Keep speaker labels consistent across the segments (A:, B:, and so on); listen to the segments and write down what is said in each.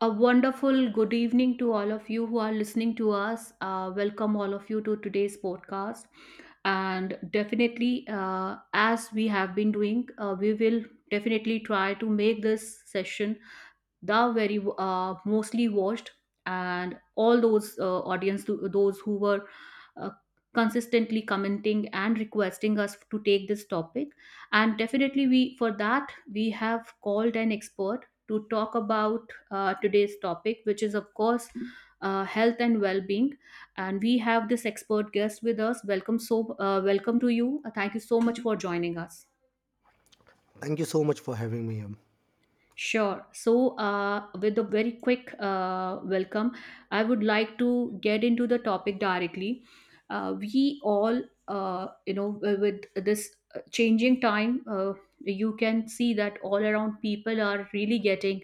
A: A wonderful good evening to all of you who are listening to us. Welcome, all of you, to today's podcast. And definitely, as we have been doing, we will definitely try to make this session the very mostly watched and all those audience those who were uh, consistently commenting and requesting us to take this topic, and definitely we for that we have called an expert to talk about today's topic, which is of course health and well-being, and we have this expert guest with us. Welcome. So, welcome to you. Thank you so much for joining us.
B: Thank you so much for having me here.
A: Sure. So, with a very quick welcome, I would like to get into the topic directly. We all, with this changing time, you can see that all around people are really getting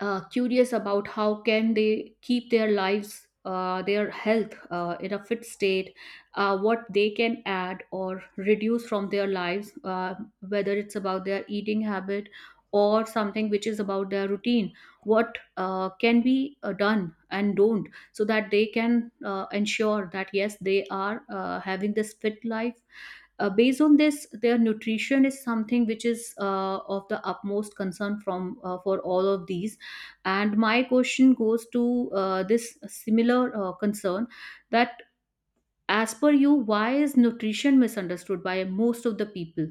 A: curious about how can they keep their lives, their health, in a fit state. What they can add or reduce from their lives, whether it's about their eating habit or something which is about their routine, what can be done and don't so that they can ensure that yes they are having this fit life, based on this their nutrition is something which is of the utmost concern from for all of these, and my question goes to this similar concern that, as per you, why is nutrition misunderstood by most of the people?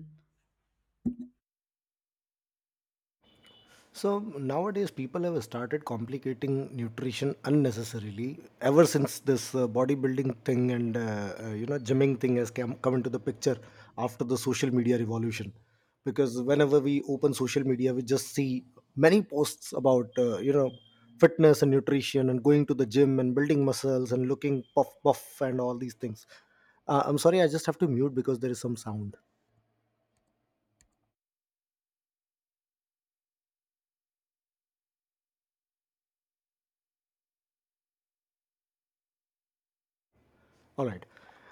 B: So nowadays, people have started complicating nutrition unnecessarily ever since this bodybuilding thing and gymming thing has come into the picture after the social media revolution. Because whenever we open social media, we just see many posts about fitness and nutrition and going to the gym and building muscles and looking puff puff and all these things. I'm sorry, I just have to mute because there is some sound. All right.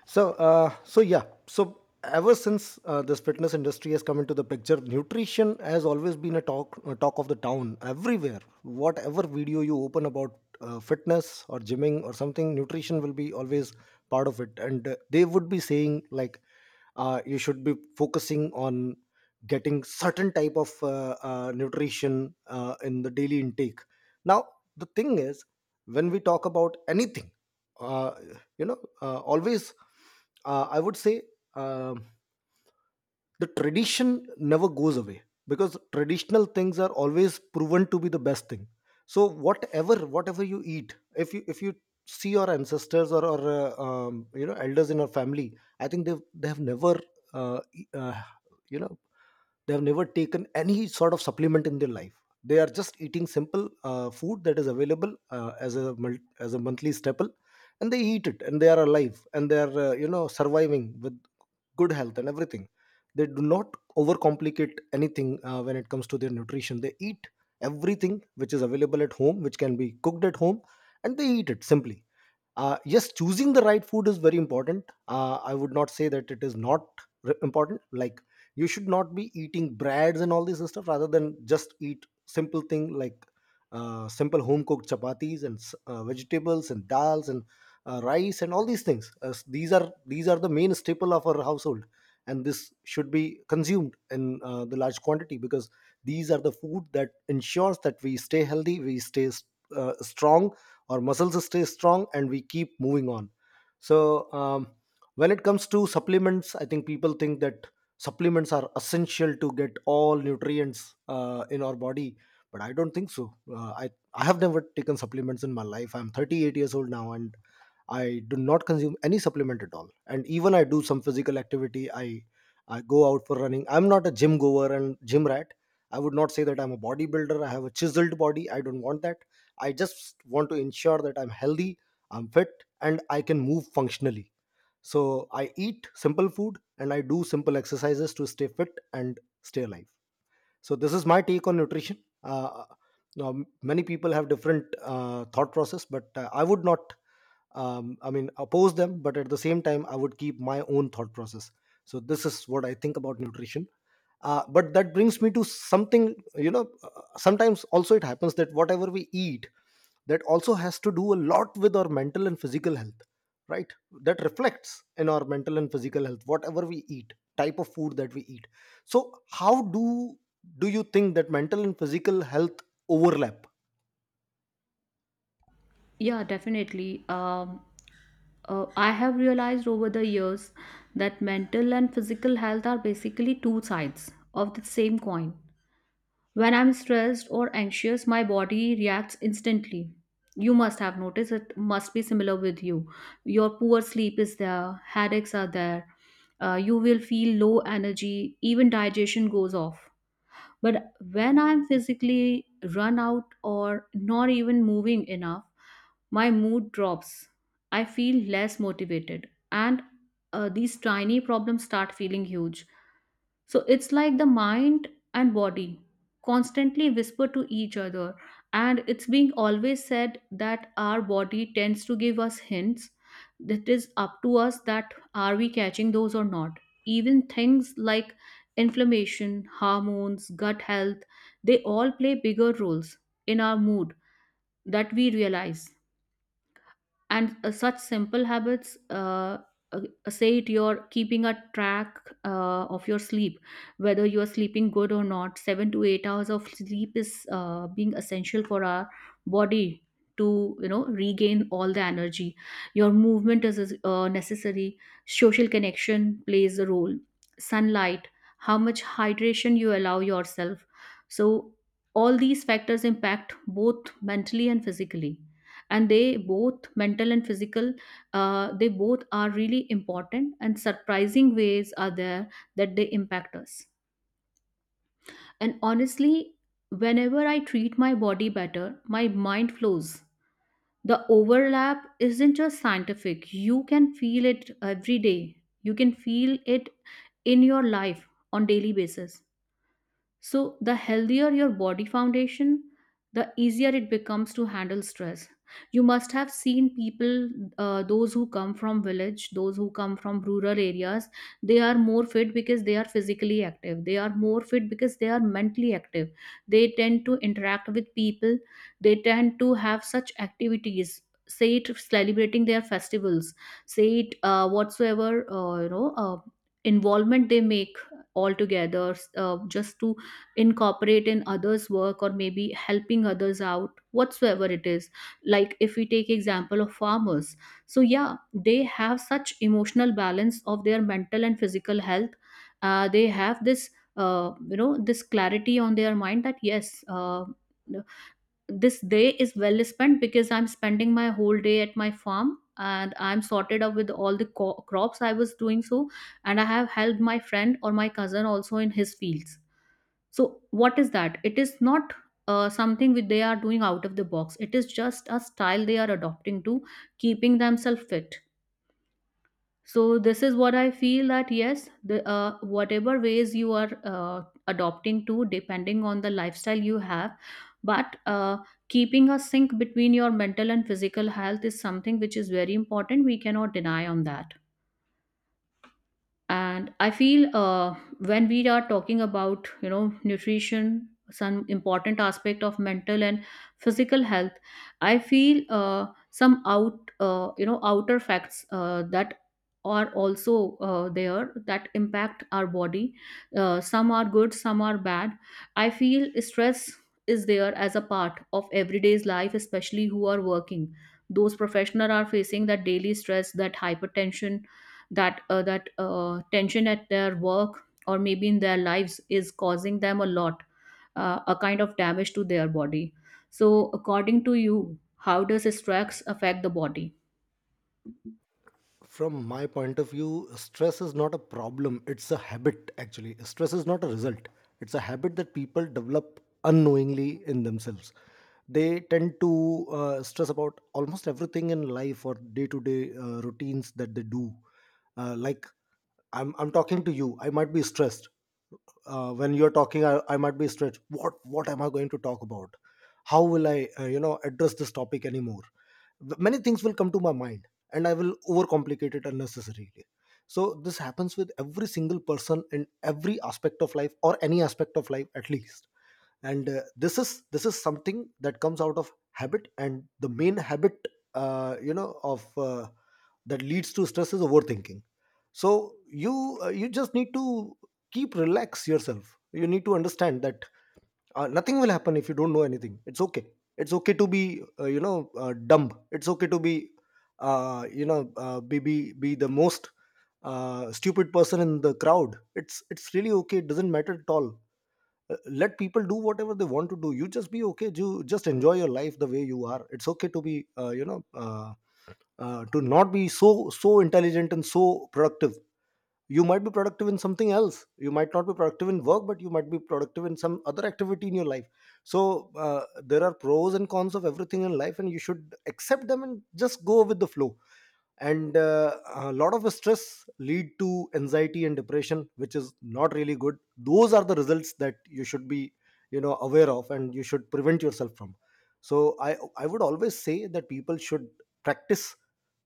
B: So yeah. So ever since this fitness industry has come into the picture, nutrition has always been a talk of the town everywhere. Whatever video you open about fitness or gymming or something, nutrition will be always part of it, and they would be saying like, you should be focusing on getting certain type of nutrition in the daily intake. Now, the thing is, when we talk about anything, Uh, always, I would say, um the tradition never goes away, because traditional things are always proven to be the best thing. So whatever you eat, if you see your ancestors, or elders in your family, I think they have never uh, e- uh, you know taken any sort of supplement in their life. They are just eating simple food that is available as a monthly staple, and they eat it, and they are alive, and they are surviving with good health and everything. They do not overcomplicate anything when it comes to their nutrition. They eat everything which is available at home, which can be cooked at home, and they eat it simply. Yes, choosing the right food is very important. I would not say that it is not important. Like, you should not be eating breads and all this stuff, rather than just eat simple thing like simple home cooked chapatis and vegetables and dals and rice and all these things. These are the main staple of our household, and this should be consumed in the large quantity, because these are the food that ensures that we stay healthy, we stay strong, our muscles stay strong, and we keep moving on. So, when it comes to supplements, I think people think that supplements are essential to get all nutrients in our body, but I don't think so. I have never taken supplements in my life. I'm 38 years old now, and I do not consume any supplement at all. And even I do some physical activity. I go out for running. I'm not a gym goer and gym rat. I would not say that I'm a bodybuilder. I have a chiseled body. I don't want that. I just want to ensure that I'm healthy, I'm fit, and I can move functionally. So I eat simple food and I do simple exercises to stay fit and stay alive. So this is my take on nutrition. Uh, uh, Now, many people have different thought process, but I would not, I mean, oppose them, but at the same time, I would keep my own thought process. So this is what I think about nutrition. But that brings me to something. Sometimes also it happens that whatever we eat, that also has to do a lot with our mental and physical health, right? That reflects in our mental and physical health, whatever we eat, type of food that we eat. So how do you think that mental and physical health overlap?
A: Yeah, definitely. I have realized over the years that mental and physical health are basically two sides of the same coin. When I'm stressed or anxious, my body reacts instantly. You must have noticed it must be similar with you. Your poor sleep is there, headaches are there, you will feel low energy, even digestion goes off. But when I'm physically run out or not even moving enough, my mood drops. I feel less motivated, and these tiny problems start feeling huge. So it's like the mind and body constantly whisper to each other. And it's being always said that our body tends to give us hints, that is up to us that are we catching those or not. Even things like inflammation, hormones, gut health, they all play bigger roles in our mood that we realize, and such simple habits, uh, say it you're keeping a track of your sleep, whether you are sleeping good or not. 7 to 8 hours of sleep is being essential for our body to regain all the energy. Your movement is necessary. Social connection plays a role. Sunlight. How much hydration you allow yourself. So all these factors impact both mentally and physically, and they both, mental and physical, they both are really important and surprising ways are there that they impact us. And honestly, whenever I treat my body better, my mind flows. The overlap isn't just scientific, you can feel it every day. You can feel it in your life on daily basis. So, the healthier your body foundation, the easier it becomes to handle stress. You must have seen people, those who come from village, those who come from rural areas, they are more fit because they are physically active. They are more fit because they are mentally active. They tend to interact with people. They tend to have such activities. Say it celebrating their festivals, say it whatsoever involvement they make altogether just to incorporate in others work or maybe helping others out, whatsoever it is, like if we take example of farmers. So yeah, they have such emotional balance of their mental and physical health. They have this, this clarity on their mind that yes, this day is well spent because I'm spending my whole day at my farm, and I'm sorted out with all the crops I was doing, so, and I have helped my friend or my cousin also in his fields. So, what is that? It is not something which they are doing out of the box. It is just a style they are adopting to keeping themselves fit. So, this is what I feel, that yes, the whatever ways you are adopting to, depending on the lifestyle you have, but keeping a sync between your mental and physical health is something which is very important. We cannot deny on that. And I feel, when we are talking about nutrition some important aspect of mental and physical health, I feel some outer facts that are also there that impact our body. Some are good, some are bad. I feel stress is there as a part of everyday's life, especially who are working. Those professionals are facing that daily stress, that hypertension, that tension at their work or maybe in their lives is causing them a lot, a kind of damage to their body. So according to you, how does stress affect the body?
B: From my point of view, stress is not a problem, it's a habit. Actually, stress is not a result, it's a habit that people develop unknowingly in themselves. They tend to stress about almost everything in life or day to day routines that they do. Like, I'm talking to you, I might be stressed. When you're talking, I might be stressed. What am I going to talk about? How will I address this topic anymore? Many things will come to my mind, and I will overcomplicate it unnecessarily. So this happens with every single person in every aspect of life, or any aspect of life at least. And this is something that comes out of habit, and the main habit you know of that leads to stress is overthinking. So you just need to keep relax yourself. You need to understand that nothing will happen if you don't know anything. It's okay. It's okay to be dumb. It's okay to be you know be be the most stupid person in the crowd, it's really okay, it doesn't matter at all. Let people do whatever they want to do, you just be okay, you just enjoy your life the way you are. It's okay uh, you know uh, to not be so intelligent and so productive you might be productive in something else, you might not be productive in work, but you might be productive in some other activity in your life. So there are pros and cons of everything in life, and you should accept them and just go with the flow. And a lot of stress lead to anxiety and depression, which is not really good. Those are the results that you should be aware of, and you should prevent yourself from. So I would always say that people should practice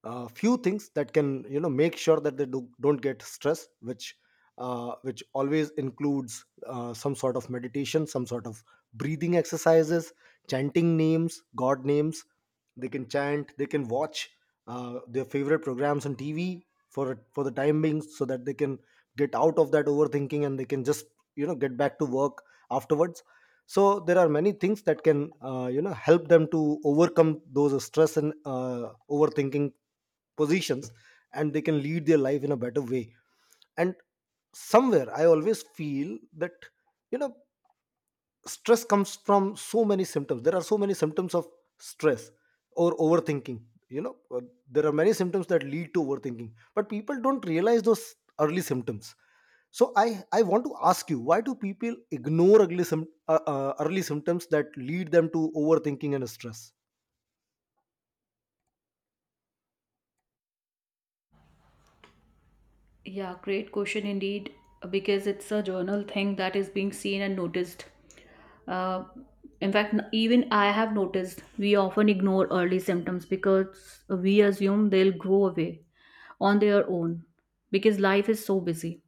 B: a few things that can make sure that they don't get stressed, which always includes some sort of meditation, some sort of breathing exercises, chanting names god names they can chant, they can watch their favorite programs on TV for the time being, so that they can get out of that overthinking and they can just get back to work afterwards. So there are many things that can help them to overcome those stress and overthinking positions, and they can lead their life in a better way. And somewhere, I always feel that you know stress comes from so many symptoms. There are so many symptoms of stress or overthinking. you know uh, there are many symptoms that lead to overthinking, but people don't realize those early symptoms. So I want to ask you, why do people ignore early symptoms that lead them to overthinking and stress?
A: Yeah, great question indeed. Because it's a journal thing that is being seen and noticed. Uh, in fact, even I have noticed we often ignore early symptoms because we assume they'll go away on their own. Because life is so busy,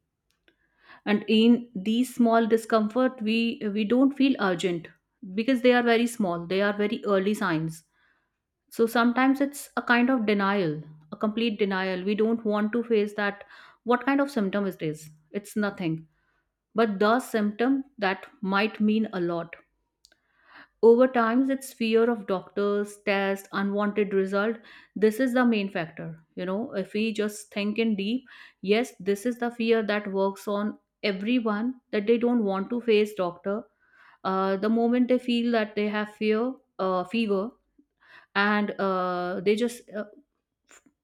A: and in these small discomfort, we don't feel urgent because they are very small, they are very early signs. So sometimes it's a kind of denial, a complete denial. We don't want to face that what kind of symptom it is. It's nothing but the symptom that might mean a lot over time. It's fear of doctors, test, unwanted result. This is the main factor. You know, if we just think in deep, yes, this is the fear that works on everyone that they don't want to face doctor. The moment they feel that they have fear, fever, and they just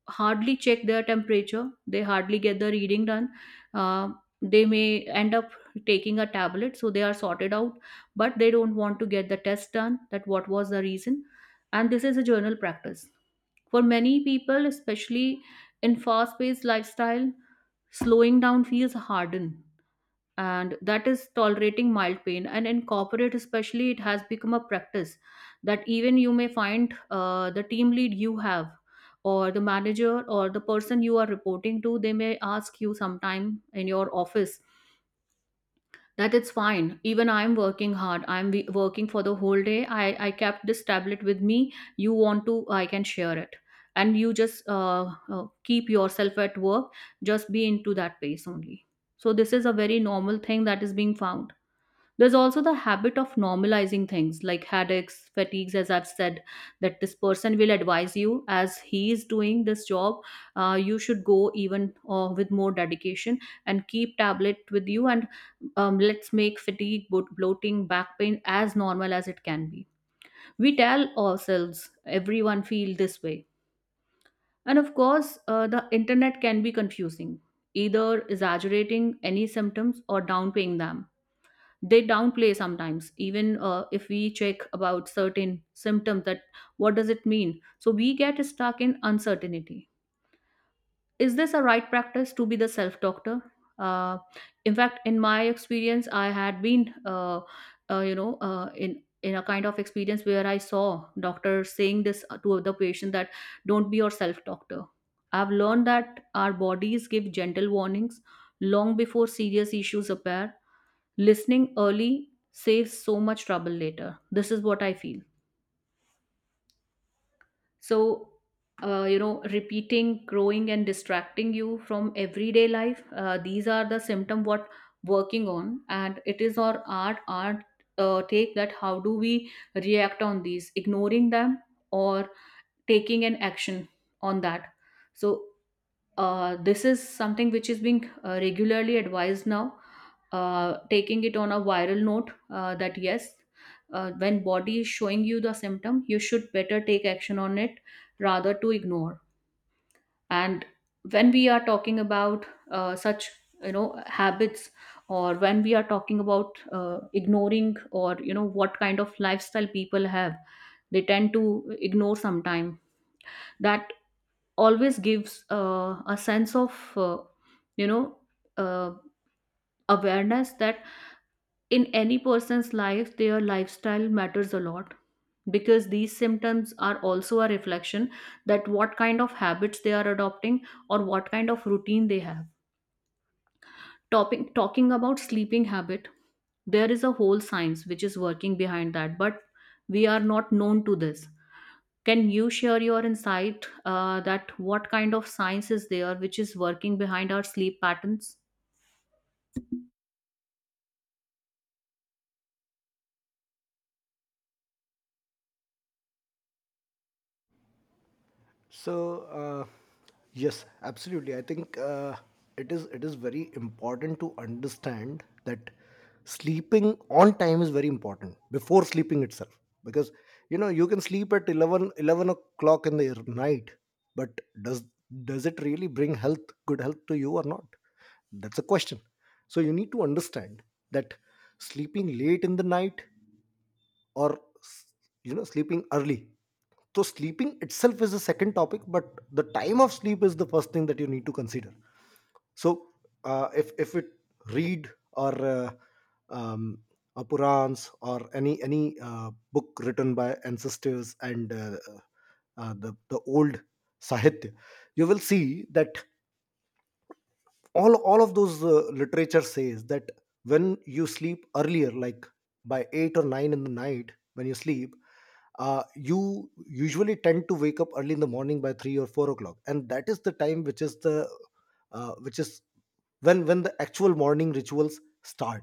A: hardly check their temperature, they hardly get the reading done. Uh, they may end up taking a tablet so they are sorted out, but they don't want to get the test done, that what was the reason. And this is a general practice for many people, especially in fast paced lifestyle. Slowing down feels hardened, and that is tolerating mild pain. And in corporate especially, it has become a practice that even you may find the team lead you have or the manager or the person you are reporting to, they may ask you sometime in your office that it's fine, even I'm working hard, I'm working for the whole day, I kept this tablet with me, you want to, I can share it. And you just keep yourself at work, just be into that pace only. So this is a very normal thing that is being found. There's also the habit of normalizing things like headaches, fatigues, as I've said, that this person will advise you as he is doing this job, you should go even with more dedication and keep tablet with you, and let's make fatigue, bloating, back pain as normal as it can be. We tell ourselves everyone feel this way. And of course, the internet can be confusing, either exaggerating any symptoms or downplaying them. They downplay sometimes, even if we check about certain symptoms that what does it mean, so we get stuck in uncertainty. Is this a right practice to be the self doctor? Uh, in fact, in my experience, I had been in a kind of experience where I saw doctors saying this to the patient that don't be your self doctor. I've learned that our bodies give gentle warnings long before serious issues appear. Listening early saves so much trouble later. This is what I feel. So, repeating, growing, and distracting you from everyday life. These are the symptom what working on, and it is our art take that how do we react on these, ignoring them or taking an action on that. So this is something which is being regularly advised now, taking it on a viral note, that yes, when body is showing you the symptom you should better take action on it rather to ignore. And when we are talking about such habits, or when we are talking about ignoring, or what kind of lifestyle people have, they tend to ignore sometime that always gives a sense of, uh, you know uh, awareness that in any person's life their lifestyle matters a lot, because these symptoms are also a reflection that what kind of habits they are adopting, or what kind of routine they have. Topping, talking about sleeping habit, there is a whole science which is working behind that, but we are not known to this. Can you share your insight, that what kind of science is there which is working behind our sleep patterns?
B: So yes, absolutely. I think it is very important to understand that sleeping on time is very important before sleeping itself, because you can sleep at 11 o'clock in the night, but does does it really bring health good health to you or not? That's a question. So you need to understand that sleeping late in the night or sleeping early, so sleeping itself is the second topic, but the time of sleep is the first thing that you need to consider. So if it read or um, Purans or any book written by ancestors, and the old sahitya, you will see that all of those literature says that when you sleep earlier, like by 8 or 9 in the night, when you sleep, you usually tend to wake up early in the morning by 3 or 4 o'clock, and that is the time which is the which is when the actual morning rituals start.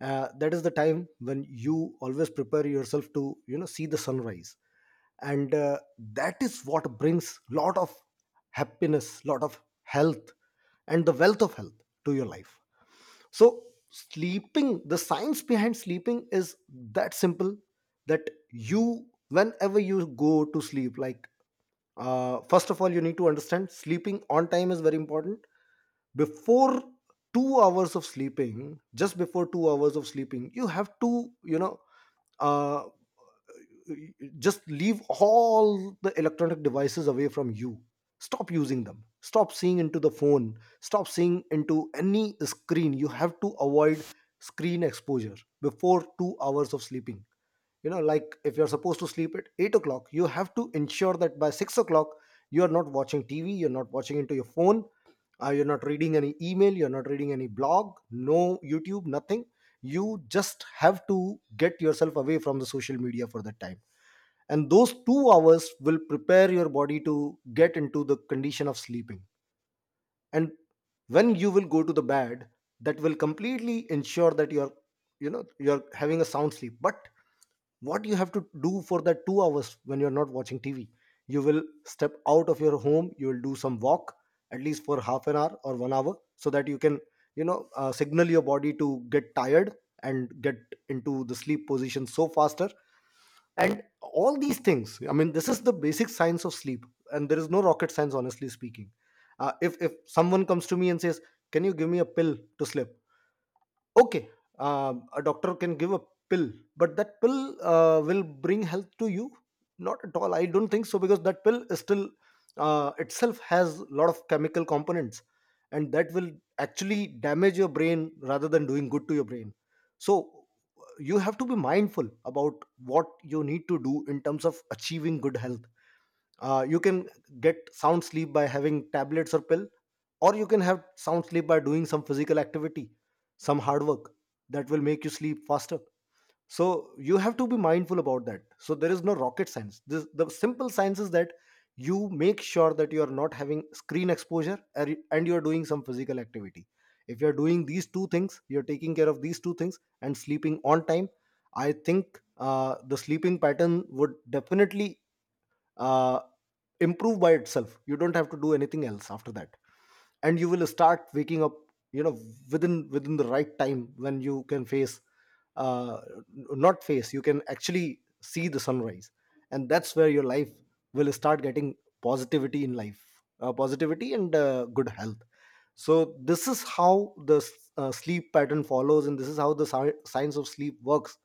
B: That is the time when you always prepare yourself to see the sunrise, and that is what brings lot of happiness, lot of health, and the wealth of health to your life. So sleeping, the science behind sleeping is that simple, that you whenever you go to sleep, like first of all you need to understand sleeping on time is very important. Before two hours of sleeping, just before two hours of sleeping, you have to, uh, just leave all the electronic devices away from you. Stop using them, stop seeing into the phone, stop seeing into any screen. You have to avoid screen exposure before 2 of sleeping. You know, like if you're supposed to sleep at 8 o'clock, you have to ensure that by 6 o'clock you are not watching tv, you're not watching into your phone, you're not reading any email, you're not reading any blog, no youtube, nothing. You just have to get yourself away from the social media for that time, and those two hours will prepare your body to get into the condition of sleeping. And when you will go to the bed, that will completely ensure that you're, you know, you're having a sound sleep. But what you have to do for that two hours when you're not watching tv, you will step out of your home, you will do some walk at least for half an hour or 1 hour, so that you can, signal your body to get tired and get into the sleep position so faster. And all these things, I mean, this is the basic science of sleep, and there is no rocket science, honestly speaking. If someone comes to me and says, can you give me a pill to sleep? Okay. A doctor can give a pill, but that pill will bring health to you? Not at all, I don't think so, because that pill is still, itself has a lot of chemical components, and that will actually damage your brain rather than doing good to your brain. So you have to be mindful about what you need to do in terms of achieving good health. You can get sound sleep by having tablets or pill, or you can have sound sleep by doing some physical activity, some hard work. That will make you sleep faster. So you have to be mindful about that. So there is no rocket science, the simple science is that you make sure that you are not having screen exposure and you are doing some physical activity. If you are doing these two things, you are taking care of these two things and sleeping on time, I think the sleeping pattern would definitely uh, improve by itself. You don't have to do anything else after that, and you will start waking up, you know, within the right time when you can face uh not face you can actually see the sunrise. And that's where your life will start getting positivity in life, positivity and good health. So this is how the sleep pattern follows, and this is how the science of sleep works.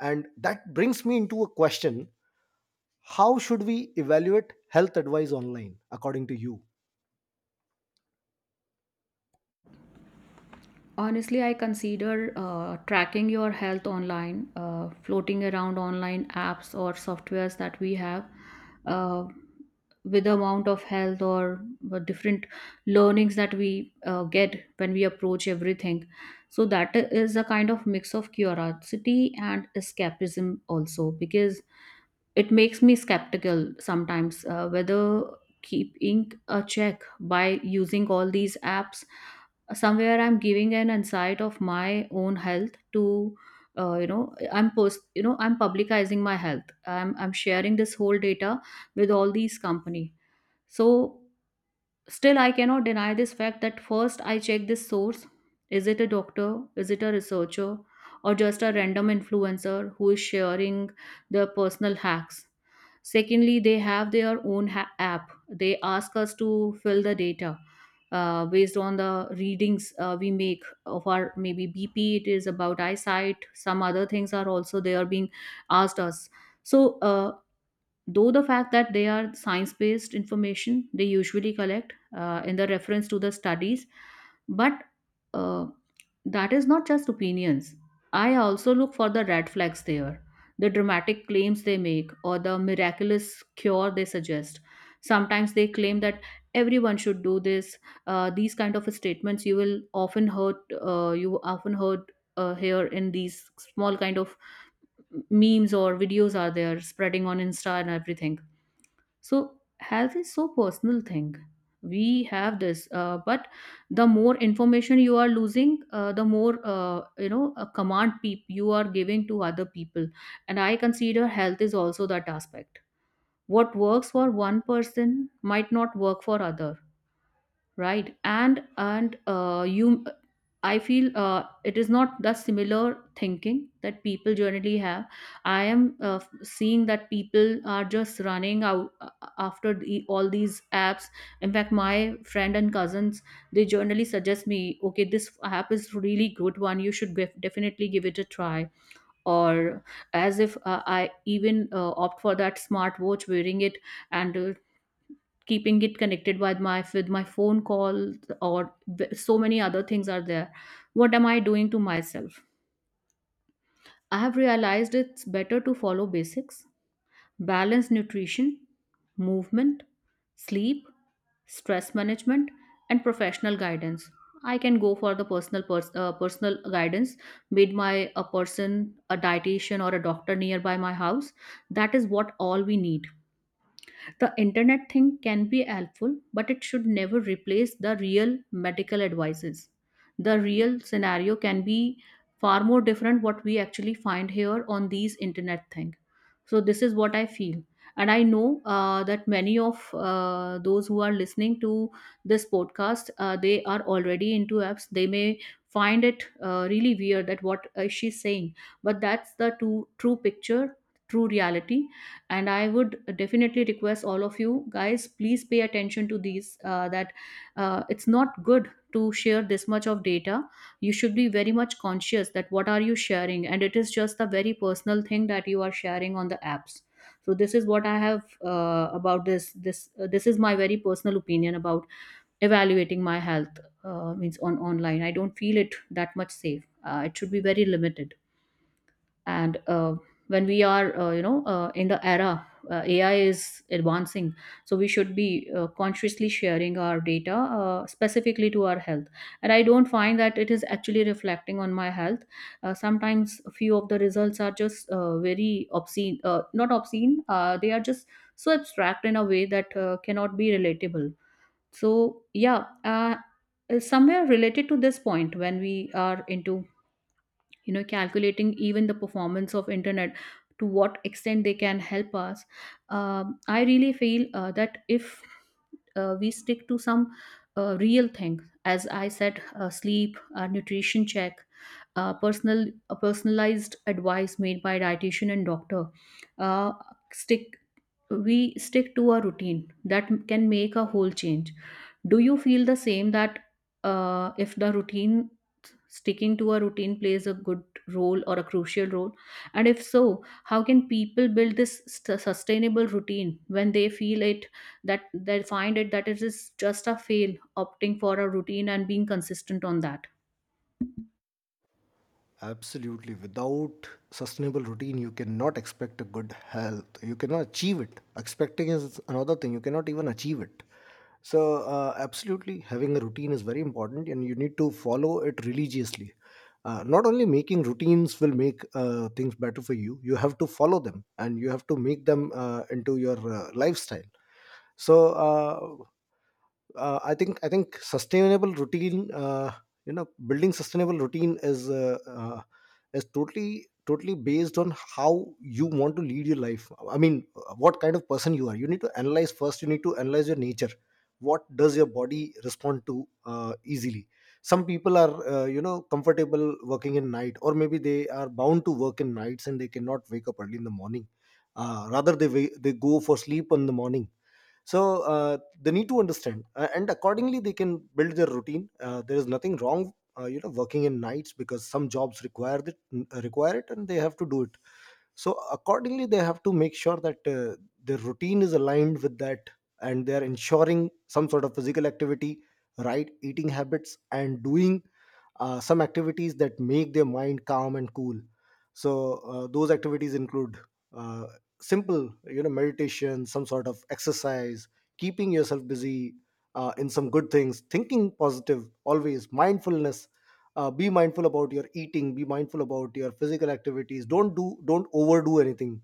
B: And that brings me into a question: how should we evaluate health advice online, according to you?
A: Honestly, I consider tracking your health online, floating around online apps or softwares that we have, uh, with the amount of health or the different learnings that we get when we approach everything. So that is a kind of mix of curiosity and escapism also, because it makes me skeptical sometimes, whether keeping a check by using all these apps, somewhere I'm giving an insight of my own health to, I'm post I'm publicizing my health, I'm sharing this whole data with all these company. So still I cannot deny this fact that first I check this source. Is it a doctor, is it a researcher, or just a random influencer who is sharing their personal hacks? Secondly, they have their own app, they ask us to fill the data based on the readings we make of our, maybe BP, it is about eyesight, some other things are also they are being asked us. So though the fact that they are science based information, they usually collect in the reference to the studies, but uh, that is not just opinions. I also look for the red flags there, the dramatic claims they make or the miraculous cure they suggest. Sometimes they claim that everyone should do this. These kind of statements you will often heard, you often heard here in these small kind of memes or videos are there spreading on insta and everything. So health is so personal thing. We have this, but the more information you are losing, the more, a command you are giving to other people. And I consider health is also that aspect. What works for one person might not work for other, right? And you, I feel it is not the similar thinking that people generally have. I am, seeing that people are just running out, after the, all these apps. In fact, my friend and cousins, they generally suggest me, okay, this app is really good one, you should definitely give it a try. Or, as if I even opt for that smartwatch, wearing it, and keeping it connected with my phone calls, or so many other things are there. What am I doing to myself? I have realized it's better to follow basics. Balance nutrition, movement, sleep, stress management, and professional guidance. I can go for the personal guidance made my a person, a dietitian or a doctor nearby my house. That is what all we need. The internet thing can be helpful, but it should never replace the real medical advices. The real scenario can be far more different what we actually find here on these internet thing. So this is what I feel. And I know that many of those who are listening to this podcast, they are already into apps. They may find it really weird that what she's saying, but that's the true picture, true reality. And I would definitely request all of you guys, please pay attention to these, that it's not good to share this much of data. You should be very much conscious that what are you sharing, and it is just a very personal thing that you are sharing on the apps. So this is what I have about this is my very personal opinion about evaluating my health, means on online I don't feel it that much safe, it should be very limited. And when we are, in the era, AI is advancing, so we should be consciously sharing our data, specifically to our health. And I don't find that it is actually reflecting on my health. Sometimes a few of the results are just very obscene, not obscene, they are just so abstract in a way that cannot be relatable. So yeah, somewhere related to this point when we are into, calculating even the performance of internet, to what extent they can help us. I really feel that if we stick to some real thing, as I said, sleep, nutrition check, personal personalized advice made by dietitian and doctor, uh, stick, we stick to a routine that can make a whole change. Do you feel the same that if the routine, sticking to a routine plays a good role or a crucial role? And if so, how can people build this sustainable routine when they feel it, that they find it, that it is just a fail opting for a routine and being consistent on that?
B: Absolutely. Without sustainable routine, you cannot expect a good health. You cannot achieve it. Expecting is another thing. You cannot even achieve it. So, absolutely, having a routine is very important and you need to follow it religiously. Not only making routines will make things better for you, you have to follow them and you have to make them into your lifestyle. So, uh, I think sustainable routine, you know, building sustainable routine is totally based on how you want to lead your life. I mean, what kind of person you are, you need to analyze first, you need to analyze your nature. What does your body respond to easily? Some people are, you know, comfortable working in night, or maybe they are bound to work in nights and they cannot wake up early in the morning, rather they they go for sleep in the morning. So they need to understand, and accordingly they can build their routine. There is nothing wrong, you know, working in nights because some jobs require it, require it, and they have to do it. So accordingly they have to make sure that their routine is aligned with that, and they are ensuring some sort of physical activity, right eating habits, and doing some activities that make their mind calm and cool. So those activities include, uh, simple, you know, meditation, some sort of exercise, keeping yourself busy in some good things, thinking positive always, mindfulness. Be mindful about your eating, be mindful about your physical activities, don't overdo anything.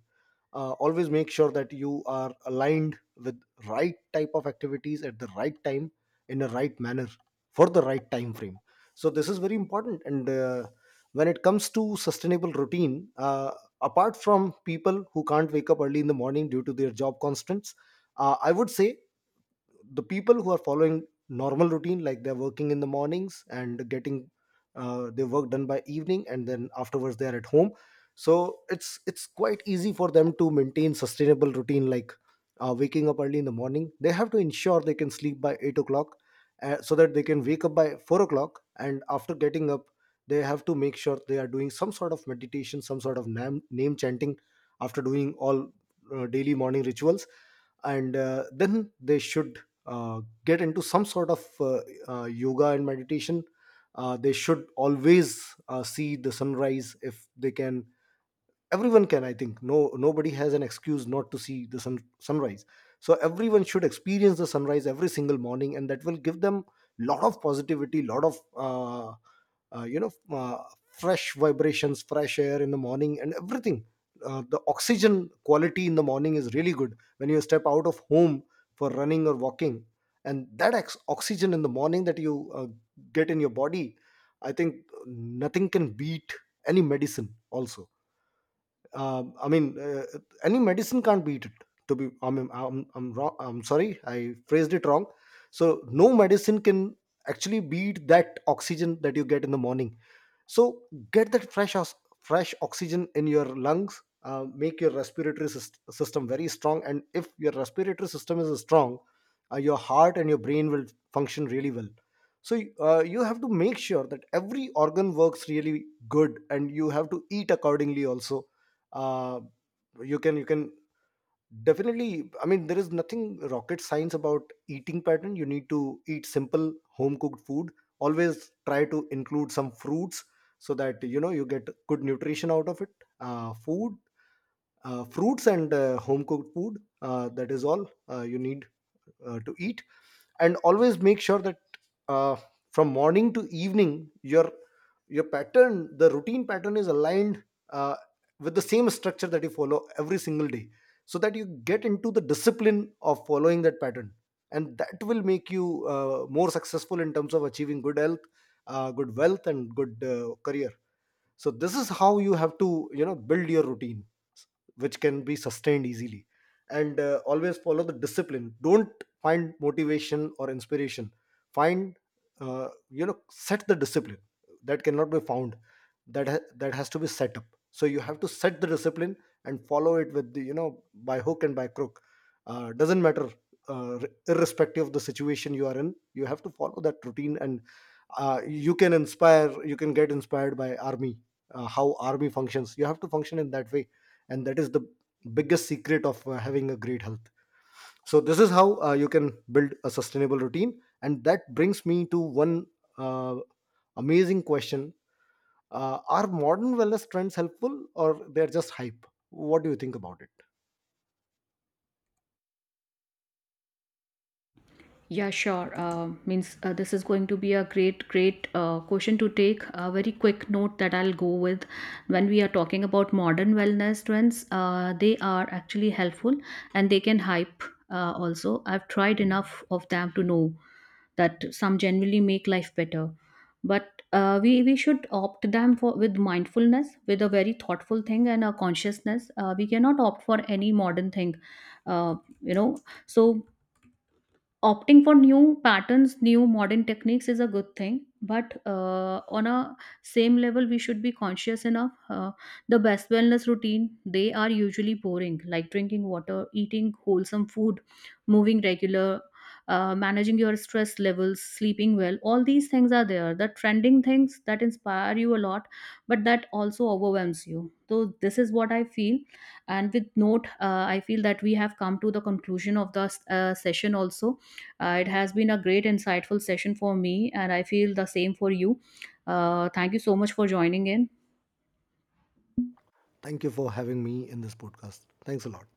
B: Always make sure that you are aligned with right type of activities at the right time, in a right manner, for the right time frame. So this is very important. And when it comes to sustainable routine, apart from people who can't wake up early in the morning due to their job constraints, I would say the people who are following normal routine, like they're working in the mornings and getting their work done by evening and then afterwards they are at home, so it's quite easy for them to maintain sustainable routine, like waking up early in the morning, they have to ensure they can sleep by 8 o'clock, so that they can wake up by 4 o'clock. And after getting up, they have to make sure they are doing some sort of meditation, some sort of name chanting, after doing all daily morning rituals, and then they should get into some sort of yoga and meditation. They should always see the sunrise if they can. Everyone can, I think. No, nobody has an excuse not to see the sunrise. So everyone should experience the sunrise every single morning, and that will give them lot of positivity, lot of you know, fresh vibrations, fresh air in the morning, and everything. The oxygen quality in the morning is really good, when you step out of home for running or walking, and that oxygen in the morning that you get in your body, I think nothing can beat, any medicine also. Uh, I mean, any medicine can't beat it. To be, I mean, I'm wrong. I'm sorry, I phrased it wrong. So no medicine can actually beat that oxygen that you get in the morning. So get that fresh oxygen in your lungs, make your system very strong, and if your respiratory system is strong, your heart and your brain will function really well. So you have to make sure that every organ works really good, and you have to eat accordingly also. Uh, you can Definitely, I mean, there is nothing rocket science about eating pattern. You need to eat simple home cooked food. Always try to include some fruits, so that you know you get good nutrition out of it. Food, fruits, and home cooked food. That is all you need to eat. And always make sure that, uh, from morning to evening, your pattern, the routine pattern, is aligned uh, with the same structure that you follow every single day, so that you get into the discipline of following that pattern. And that will make you more successful in terms of achieving good health, good wealth, and good career. So this is how you have to, you know, build your routine, which can be sustained easily. And always follow the discipline. Don't find motivation or inspiration, find, you know, set the discipline. That cannot be found, that has to be set up. So you have to set the discipline and follow it with the, you know, by hook and by crook. Doesn't matter, uh, r- irrespective of the situation you are in, you have to follow that routine. And you can inspire, you can get inspired by army, how army functions, you have to function in that way. And that is the biggest secret of having a great health. So this is how you can build a sustainable routine. And that brings me to one uh, amazing question: are modern wellness trends helpful or they're just hype? What do you think about it?
A: Yeah, sure. Means this is going to be a great question to take. A very quick note that I'll go with, when we are talking about modern wellness trends, they are actually helpful, and they can hype also. I've tried enough of them to know that some genuinely make life better. But we should opt them for with mindfulness, with a very thoughtful thing and a consciousness. We cannot opt for any modern thing, uh, you know. So opting for new patterns, new modern techniques is a good thing, but on a same level we should be conscious enough. The best wellness routine, they are usually boring, like drinking water, eating wholesome food, moving regular, managing your stress levels, sleeping well, all these things are there. The trending things that inspire you a lot, but that also overwhelms you. So this is what I feel. And with note, I feel that we have come to the conclusion of the session also. It has been a great, insightful session for me, and I feel the same for you. Thank you so much for joining in.
B: Thank you for having me in this podcast. Thanks a lot.